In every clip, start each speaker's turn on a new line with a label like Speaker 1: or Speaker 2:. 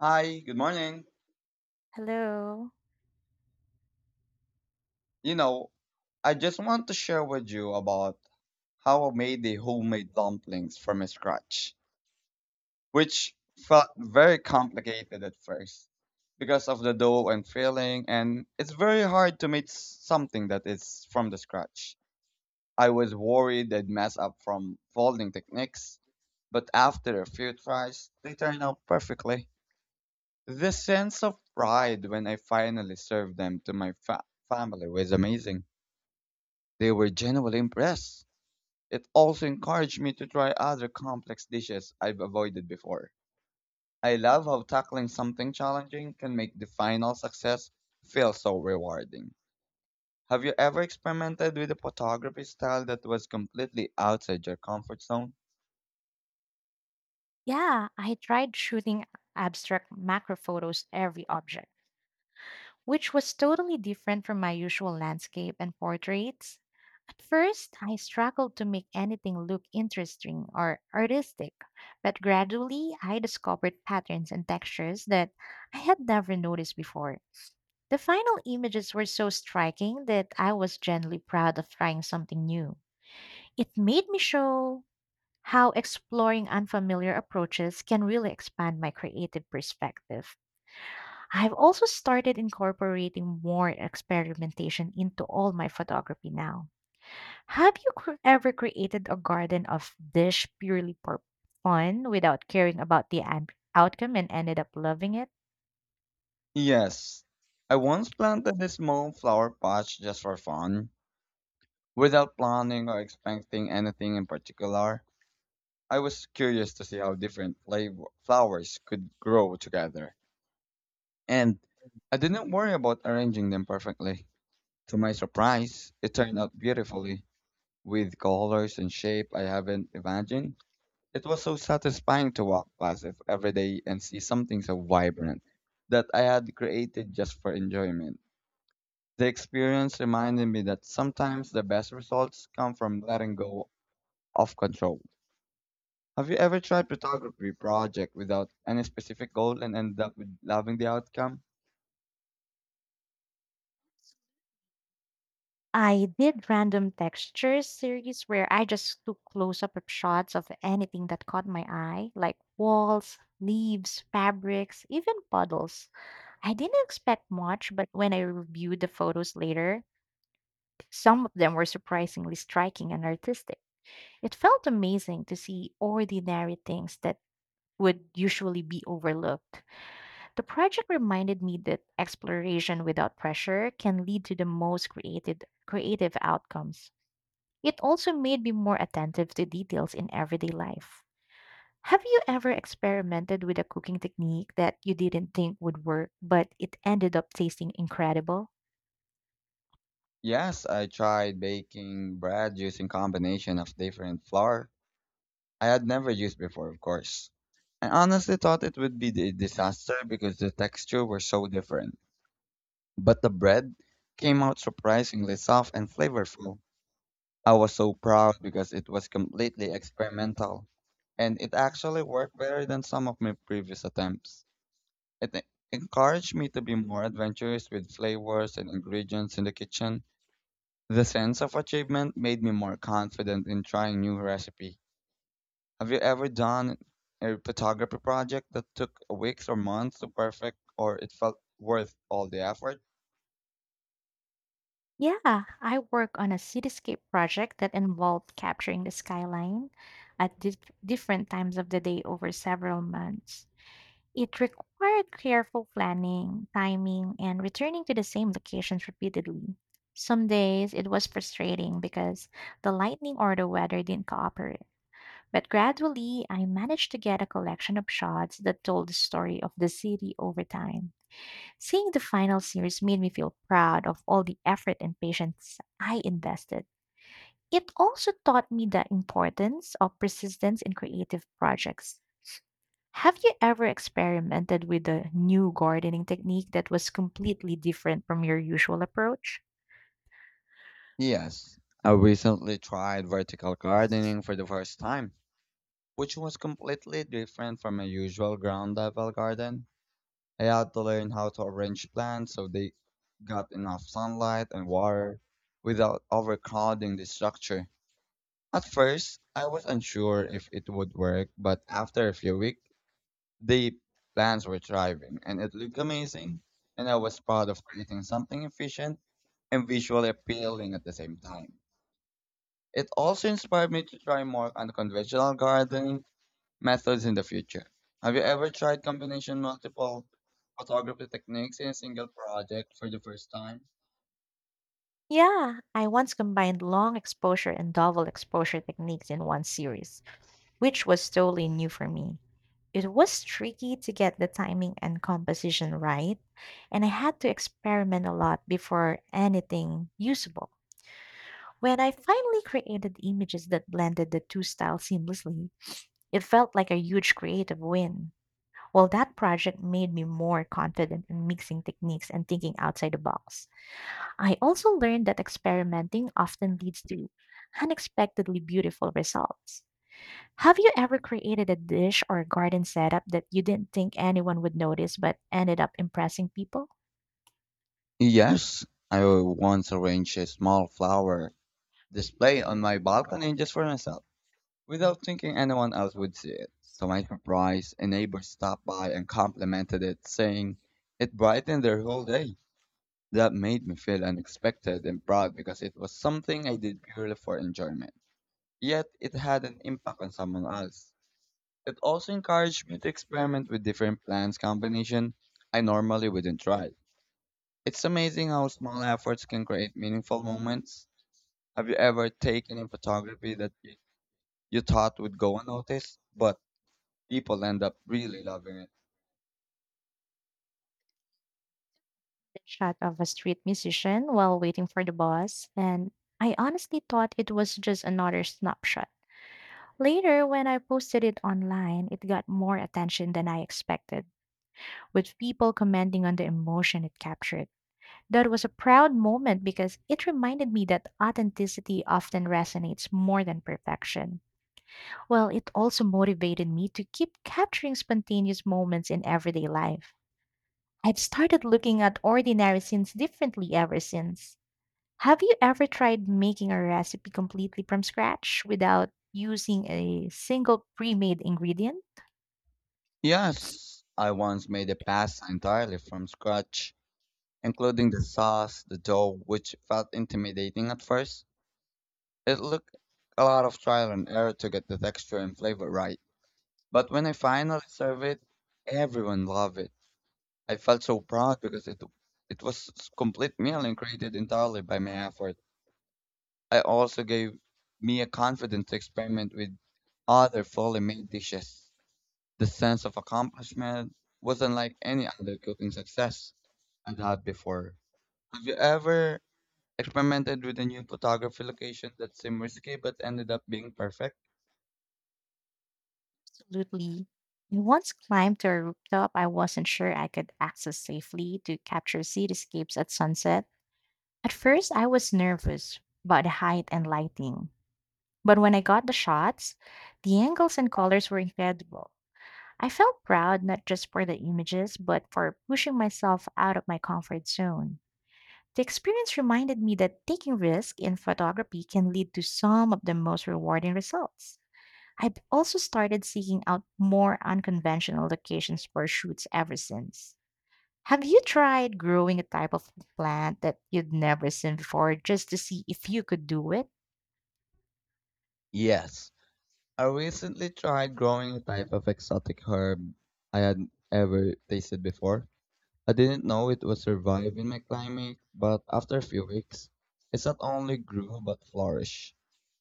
Speaker 1: Hi, good morning.
Speaker 2: Hello.
Speaker 1: You know, I just want to share with you about how I made the homemade dumplings from scratch, which felt very complicated at first because of the dough and filling, and it's very hard to make something that is from the scratch. I was worried I'd mess up from folding techniques, but after a few tries, they turned out perfectly. The sense of pride when I finally served them to my family was amazing. They were genuinely impressed. It also encouraged me to try other complex dishes I've avoided before. I love how tackling something challenging can make the final success feel so rewarding. Have you ever experimented with a photography style that was completely outside your comfort zone?
Speaker 2: Yeah, I tried shooting abstract macro photos every object, which was totally different from my usual landscape and portraits. At first, I struggled to make anything look interesting or artistic, but gradually I discovered patterns and textures that I had never noticed before. The final images were so striking that I was genuinely proud of trying something new. It made me show how exploring unfamiliar approaches can really expand my creative perspective. I've also started incorporating more experimentation into all my photography now. Have you ever created a garden of dish purely for fun without caring about the outcome and ended up loving it?
Speaker 1: Yes. I once planted a small flower patch just for fun, without planning or expecting anything in particular. I was curious to see how different flowers could grow together. And I didn't worry about arranging them perfectly. To my surprise, it turned out beautifully, with colors and shape I haven't imagined. It was so satisfying to walk past it every day and see something so vibrant that I had created just for enjoyment. The experience reminded me that sometimes the best results come from letting go of control. Have you ever tried photography project without any specific goal and ended up with loving the outcome?
Speaker 2: I did random textures series where I just took close up shots of anything that caught my eye, like walls, leaves, fabrics, even puddles. I didn't expect much, but when I reviewed the photos later, some of them were surprisingly striking and artistic. It felt amazing to see ordinary things that would usually be overlooked. The project reminded me that exploration without pressure can lead to the most creative outcomes. It also made me more attentive to details in everyday life. Have you ever experimented with a cooking technique that you didn't think would work, but it ended up tasting incredible?
Speaker 1: Yes, I tried baking bread using combination of different flour I had never used before, of course. I honestly thought it would be a disaster because the texture were so different. But the bread came out surprisingly soft and flavorful. I was so proud because it was completely experimental. And it actually worked better than some of my previous attempts. It encouraged me to be more adventurous with flavors and ingredients in the kitchen. The sense of achievement made me more confident in trying new recipe. Have you ever done a photography project that took weeks or months to perfect or it felt worth all the effort?
Speaker 2: Yeah, I work on a cityscape project that involved capturing the skyline at different times of the day over several months. It required careful planning, timing, and returning to the same locations repeatedly. Some days it was frustrating because the lightning or the weather didn't cooperate. But gradually, I managed to get a collection of shots that told the story of the city over time. Seeing the final series made me feel proud of all the effort and patience I invested. It also taught me the importance of persistence in creative projects. Have you ever experimented with a new gardening technique that was completely different from your usual approach?
Speaker 1: Yes. I recently tried vertical gardening for the first time, which was completely different from my usual ground level garden. I had to learn how to arrange plants so they got enough sunlight and water without overcrowding the structure. At first, I was unsure if it would work, but after a few weeks, the plants were thriving and it looked amazing. And I was proud of creating something efficient and visually appealing at the same time. It also inspired me to try more unconventional gardening methods in the future. Have you ever tried combination multiple photography techniques in a single project for the first time?
Speaker 2: Yeah, I once combined long exposure and double exposure techniques in one series, which was totally new for me. It was tricky to get the timing and composition right, and I had to experiment a lot before anything usable. When I finally created images that blended the two styles seamlessly, it felt like a huge creative win. Well, that project made me more confident in mixing techniques and thinking outside the box. I also learned that experimenting often leads to unexpectedly beautiful results. Have you ever created a dish or garden setup that you didn't think anyone would notice but ended up impressing people?
Speaker 1: Yes, I once arranged a small flower display on my balcony just for myself without thinking anyone else would see it. To my surprise, a neighbor stopped by and complimented it, saying it brightened their whole day. That made me feel unexpected and proud because it was something I did purely for enjoyment. Yet it had an impact on someone else. It also encouraged me to experiment with different plants combination I normally wouldn't try. It's amazing how small efforts can create meaningful moments. Have you ever taken in photography that you thought would go unnoticed, but people end up really loving it.
Speaker 2: The shot of a street musician while waiting for the bus, and I honestly thought it was just another snapshot. Later, when I posted it online, it got more attention than I expected, with people commenting on the emotion it captured. That was a proud moment because it reminded me that authenticity often resonates more than perfection. Well, it also motivated me to keep capturing spontaneous moments in everyday life. I've started looking at ordinary scenes differently ever since. Have you ever tried making a recipe completely from scratch without using a single pre made ingredient?
Speaker 1: Yes, I once made a pasta entirely from scratch, including the sauce, the dough, which felt intimidating at first. It looked a lot of trial and error to get the texture and flavor right. But when I finally served it, everyone loved it. I felt so proud because it complete meal and created entirely by my effort. I also gave me a confidence to experiment with other fully made dishes. The sense of accomplishment was unlike any other cooking success I'd had before. Have you ever experimented with a new photography location that seemed risky but ended up being perfect?
Speaker 2: Absolutely. I once climbed to a rooftop I wasn't sure I could access safely to capture cityscapes at sunset. At first, I was nervous about the height and lighting. But when I got the shots, the angles and colors were incredible. I felt proud not just for the images, but for pushing myself out of my comfort zone. The experience reminded me that taking risks in photography can lead to some of the most rewarding results. I've also started seeking out more unconventional locations for shoots ever since. Have you tried growing a type of plant that you'd never seen before just to see if you could do it?
Speaker 1: Yes. I recently tried growing a type of exotic herb I had ever tasted before. I didn't know it would survive in my climate, but after a few weeks, it not only grew but flourished.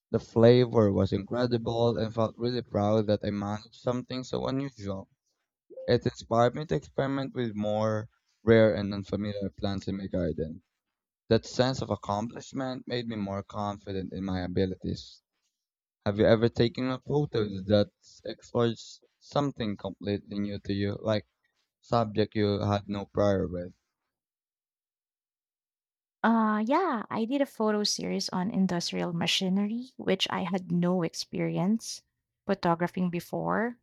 Speaker 1: The flavor was incredible and felt really proud that I managed something so unusual. It inspired me to experiment with more rare and unfamiliar plants in my garden. That sense of accomplishment made me more confident in my abilities. Have you ever taken a photo that explores something completely new to you, like subject you had no prior with?
Speaker 2: Yeah, I did a photo series on industrial machinery, which I had no experience photographing before.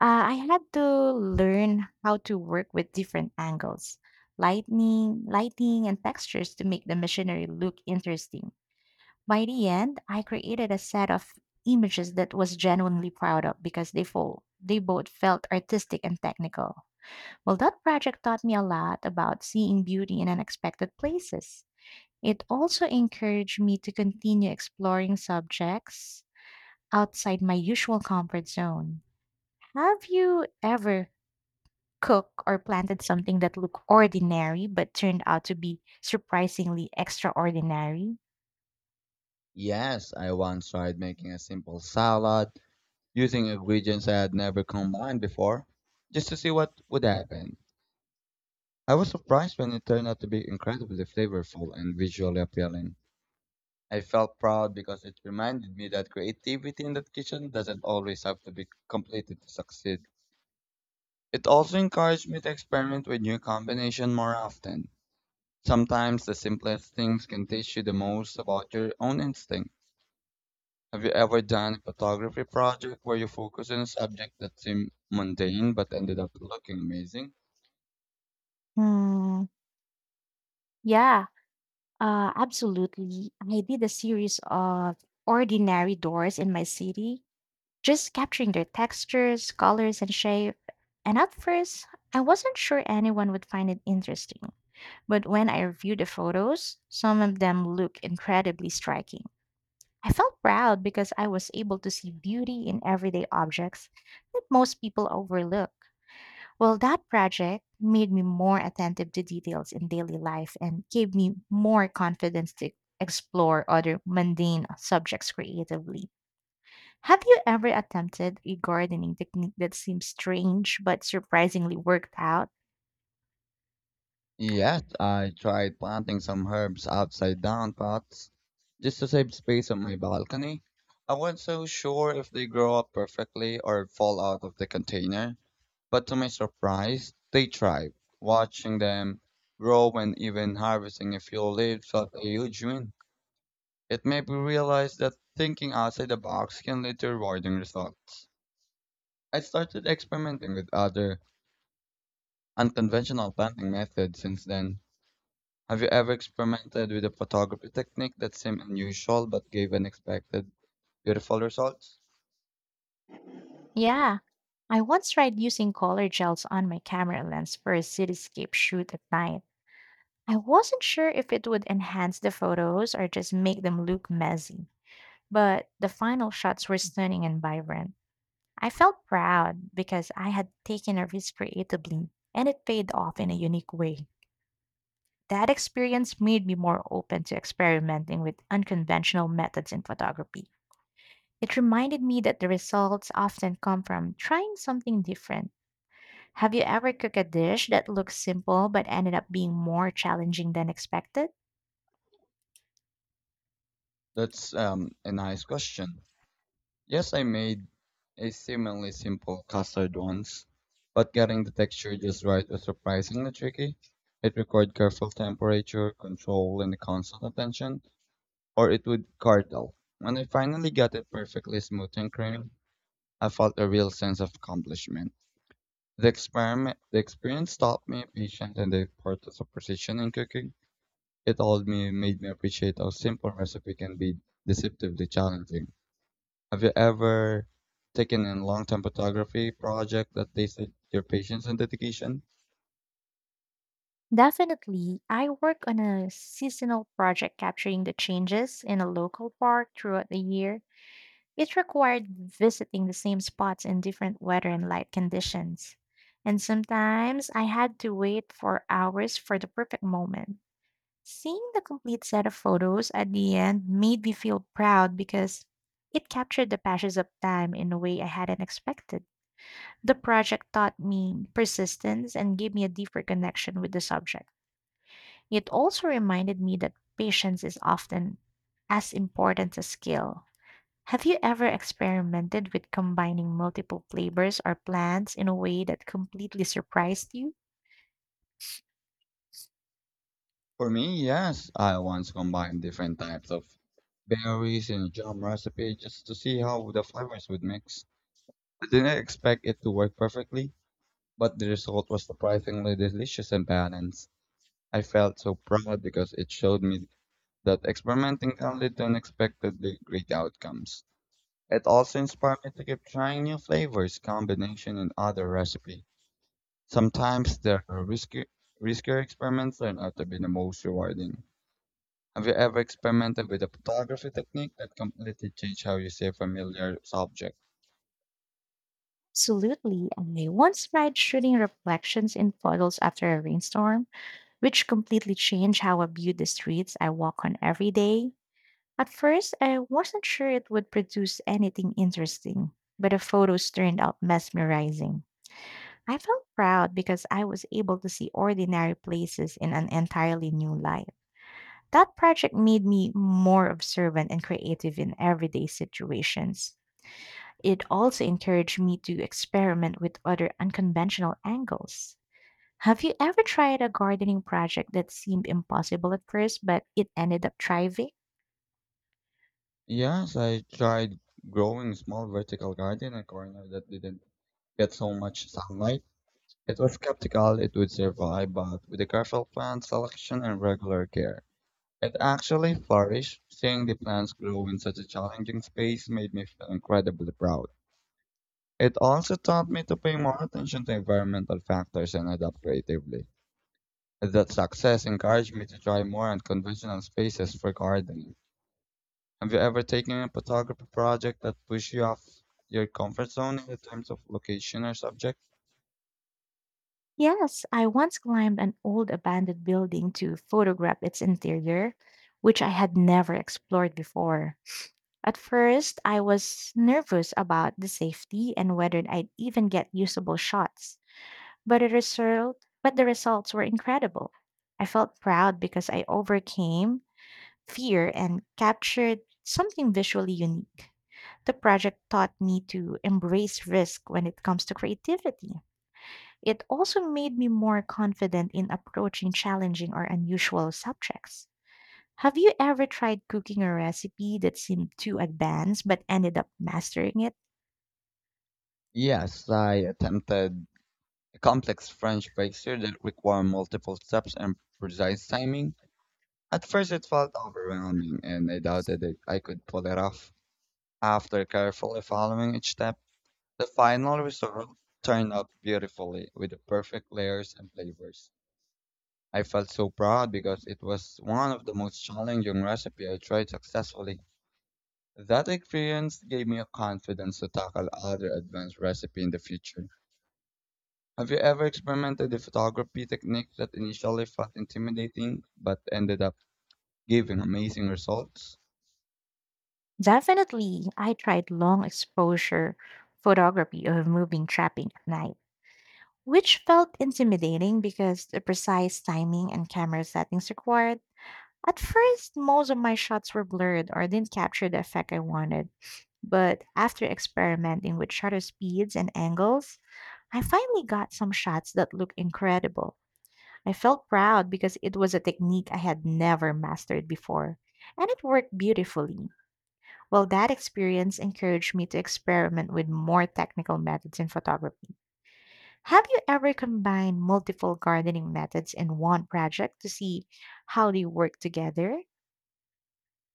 Speaker 2: I had to learn how to work with different angles, lightning, lighting, and textures to make the machinery look interesting. By the end, I created a set of images that was genuinely proud of because they both felt artistic and technical. Well, that project taught me a lot about seeing beauty in unexpected places. It also encouraged me to continue exploring subjects outside my usual comfort zone. Have you ever cooked or planted something that looked ordinary but turned out to be surprisingly extraordinary?
Speaker 1: Yes, I once tried making a simple salad using ingredients I had never combined before, just to see what would happen. I was surprised when it turned out to be incredibly flavorful and visually appealing. I felt proud because it reminded me that creativity in that kitchen doesn't always have to be completed to succeed. It also encouraged me to experiment with new combinations more often. Sometimes the simplest things can teach you the most about your own instinct. Have you ever done a photography project where you focus on a subject that seemed mundane but ended up looking amazing?
Speaker 2: Hmm. Yeah, absolutely. I did a series of ordinary doors in my city, just capturing their textures, colors, and shape. And at first, I wasn't sure anyone would find it interesting. But when I reviewed the photos, some of them look incredibly striking. I felt proud because I was able to see beauty in everyday objects that most people overlook. Well, that project made me more attentive to details in daily life and gave me more confidence to explore other mundane subjects creatively. Have you ever attempted a gardening technique that seems strange but surprisingly worked out?
Speaker 1: Yes, I tried planting some herbs outside down pots just to save space on my balcony. I wasn't so sure if they grow up perfectly or fall out of the container, but to my surprise, they thrived. Watching them grow and even harvesting a few leaves felt a huge win. It made me realize that thinking outside the box can lead to rewarding results. I started experimenting with other unconventional planting methods since then. Have you ever experimented with a photography technique that seemed unusual but gave unexpected beautiful results?
Speaker 2: Yeah, I once tried using color gels on my camera lens for a cityscape shoot at night. I wasn't sure if it would enhance the photos or just make them look messy, but the final shots were stunning and vibrant. I felt proud because I had taken a risk creatively, and it paid off in a unique way. That experience made me more open to experimenting with unconventional methods in photography. It reminded me that the results often come from trying something different. Have you ever cooked a dish that looks simple but ended up being more challenging than expected?
Speaker 1: That's a nice question. Yes, I made a seemingly simple custard once, but getting the texture just right was surprisingly tricky. It required careful temperature control and constant attention, or it would curdle. When I finally got it perfectly smooth and creamy, I felt a real sense of accomplishment. The experience taught me patience and the importance of precision in cooking. It made me appreciate how simple recipe can be deceptively challenging. Have you ever taken a long-term photography project that tasted your patience and dedication?
Speaker 2: Definitely. I work on a seasonal project capturing the changes in a local park throughout the year. It required visiting the same spots in different weather and light conditions. And sometimes I had to wait for hours for the perfect moment. Seeing the complete set of photos at the end made me feel proud because it captured the passage of time in a way I hadn't expected. The project taught me persistence and gave me a deeper connection with the subject. It also reminded me that patience is often as important as skill. Have you ever experimented with combining multiple flavors or plants in a way that completely surprised you?
Speaker 1: For me, yes. I once combined different types of berries in a jam recipe just to see how the flavors would mix. I didn't expect it to work perfectly, but the result was surprisingly delicious and balanced. I felt so proud because it showed me that experimenting can lead to unexpectedly great outcomes. It also inspired me to keep trying new flavors, combination, and other recipe. Sometimes the riskier experiments turn out to be the most rewarding. Have you ever experimented with a photography technique that completely changed how you see a familiar subject?
Speaker 2: Absolutely. I once tried shooting reflections in puddles after a rainstorm, which completely changed how I viewed the streets I walk on every day. At first, I wasn't sure it would produce anything interesting, but the photos turned out mesmerizing. I felt proud because I was able to see ordinary places in an entirely new light. That project made me more observant and creative in everyday situations. It also encouraged me to experiment with other unconventional angles. Have you ever tried a gardening project that seemed impossible at first, but it ended up thriving?
Speaker 1: Yes, I tried growing a small vertical garden in a corner that didn't get so much sunlight. It was skeptical it would survive, but with a careful plant selection and regular care, it actually flourished. Seeing the plants grow in such a challenging space made me feel incredibly proud. It also taught me to pay more attention to environmental factors and adapt creatively. That success encouraged me to try more unconventional spaces for gardening. Have you ever taken a photography project that pushed you off your comfort zone in terms of location or subject?
Speaker 2: Yes, I once climbed an old abandoned building to photograph its interior, which I had never explored before. At first, I was nervous about the safety and whether I'd even get usable shots. But the result, but the results were incredible. I felt proud because I overcame fear and captured something visually unique. The project taught me to embrace risk when it comes to creativity. It also made me more confident in approaching challenging or unusual subjects. Have you ever tried cooking a recipe that seemed too advanced but ended up mastering it?
Speaker 1: Yes, I attempted a complex French pastry that required multiple steps and precise timing. At first, it felt overwhelming, and I doubted that I could pull it off. After carefully following each step, the final result turned out beautifully with the perfect layers and flavors. I felt so proud because it was one of the most challenging recipes I tried successfully. That experience gave me a confidence to tackle other advanced recipes in the future. Have you ever experimented a photography technique that initially felt intimidating but ended up giving amazing results?
Speaker 2: Definitely, I tried long exposure photography of moving trapping at night, which felt intimidating because the precise timing and camera settings required. At first, most of my shots were blurred or didn't capture the effect I wanted, but after experimenting with shutter speeds and angles, I finally got some shots that looked incredible. I felt proud because it was a technique I had never mastered before, and it worked beautifully. Well, that experience encouraged me to experiment with more technical methods in photography. Have you ever combined multiple gardening methods in one project to see how they work together?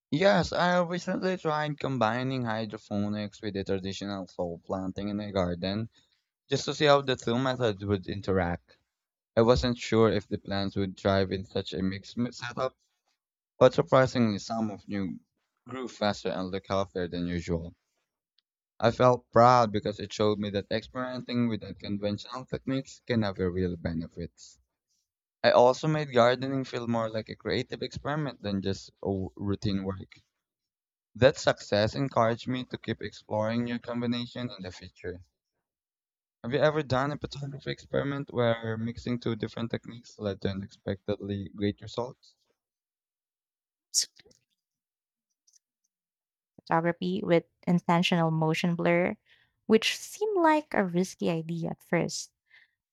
Speaker 1: Yes, I recently tried combining hydroponics with the traditional soil planting in a garden just to see how the two methods would interact. I wasn't sure if the plants would thrive in such a mixed setup, but surprisingly, some of you grew faster and looked healthier than usual. I felt proud because it showed me that experimenting with unconventional techniques can have a real benefits. I also made gardening feel more like a creative experiment than just a routine work. That success encouraged me to keep exploring new combinations in the future. Have you ever done a photography experiment where mixing two different techniques led to unexpectedly great results?
Speaker 2: S- Photography with intentional motion blur, which seemed like a risky idea at first.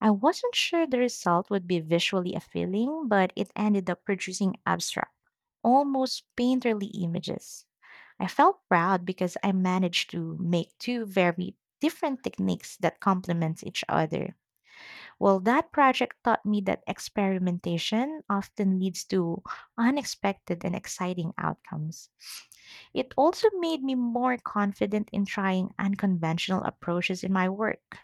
Speaker 2: I wasn't sure the result would be visually appealing, but it ended up producing abstract, almost painterly images. I felt proud because I managed to make two very different techniques that complement each other. Well, that project taught me that experimentation often leads to unexpected and exciting outcomes. It also made me more confident in trying unconventional approaches in my work.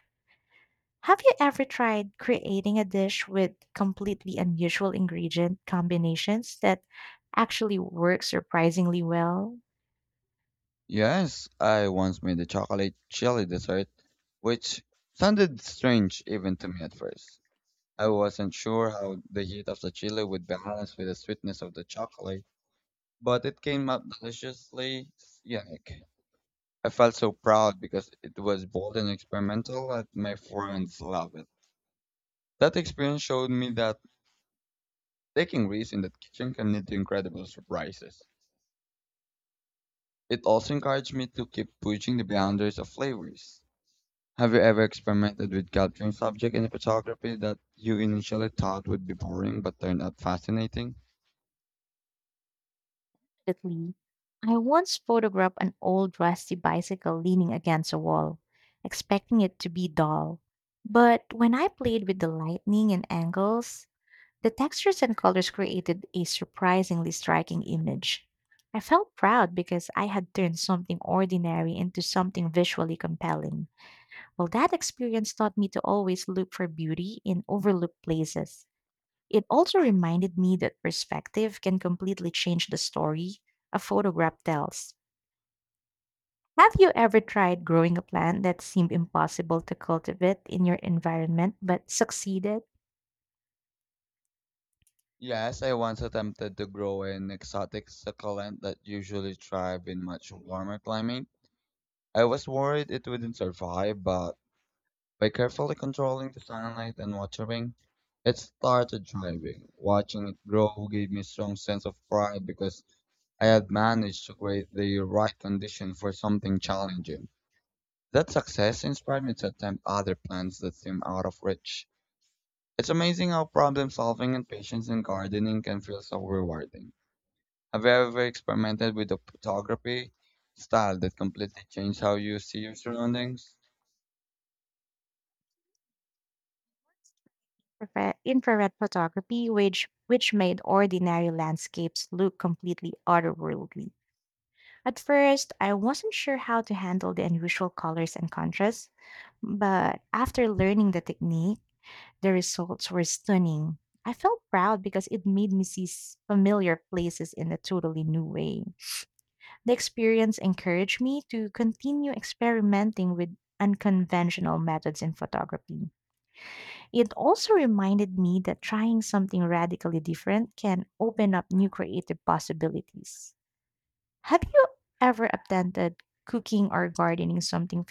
Speaker 2: Have you ever tried creating a dish with completely unusual ingredient combinations that actually work surprisingly well?
Speaker 1: Yes, I once made a chocolate chili dessert, which sounded strange even to me at first. I wasn't sure how the heat of the chili would balance with the sweetness of the chocolate, but it came out deliciously unique. I felt so proud because it was bold and experimental, and my friends loved it. That experience showed me that taking risks in the kitchen can lead to incredible surprises. It also encouraged me to keep pushing the boundaries of flavors. Have you ever experimented with capturing subject in photography that you initially thought would be boring but turned out fascinating?
Speaker 2: Definitely. I once photographed an old rusty bicycle leaning against a wall, expecting it to be dull. But when I played with the lighting and angles, the textures and colors created a surprisingly striking image. I felt proud because I had turned something ordinary into something visually compelling. Well, that experience taught me to always look for beauty in overlooked places. It also reminded me that perspective can completely change the story a photograph tells. Have you ever tried growing a plant that seemed impossible to cultivate in your environment but succeeded?
Speaker 1: Yes, I once attempted to grow an exotic succulent that usually thrive in much warmer climates. I was worried it wouldn't survive, but by carefully controlling the sunlight and watering, it started thriving. Watching it grow gave me a strong sense of pride because I had managed to create the right condition for something challenging. That success inspired me to attempt other plants that seem out of reach. It's amazing how problem solving and patience in gardening can feel so rewarding. Have you ever experimented with a photography style that completely changed how you see your surroundings?
Speaker 2: Infrared photography, which made ordinary landscapes look completely otherworldly. At first, I wasn't sure how to handle the unusual colors and contrasts, but after learning the technique, the results were stunning. I felt proud because it made me see familiar places in a totally new way. The experience encouraged me to continue experimenting with unconventional methods in photography. It also reminded me that trying something radically different can open up new creative possibilities. Have you ever attempted cooking or gardening something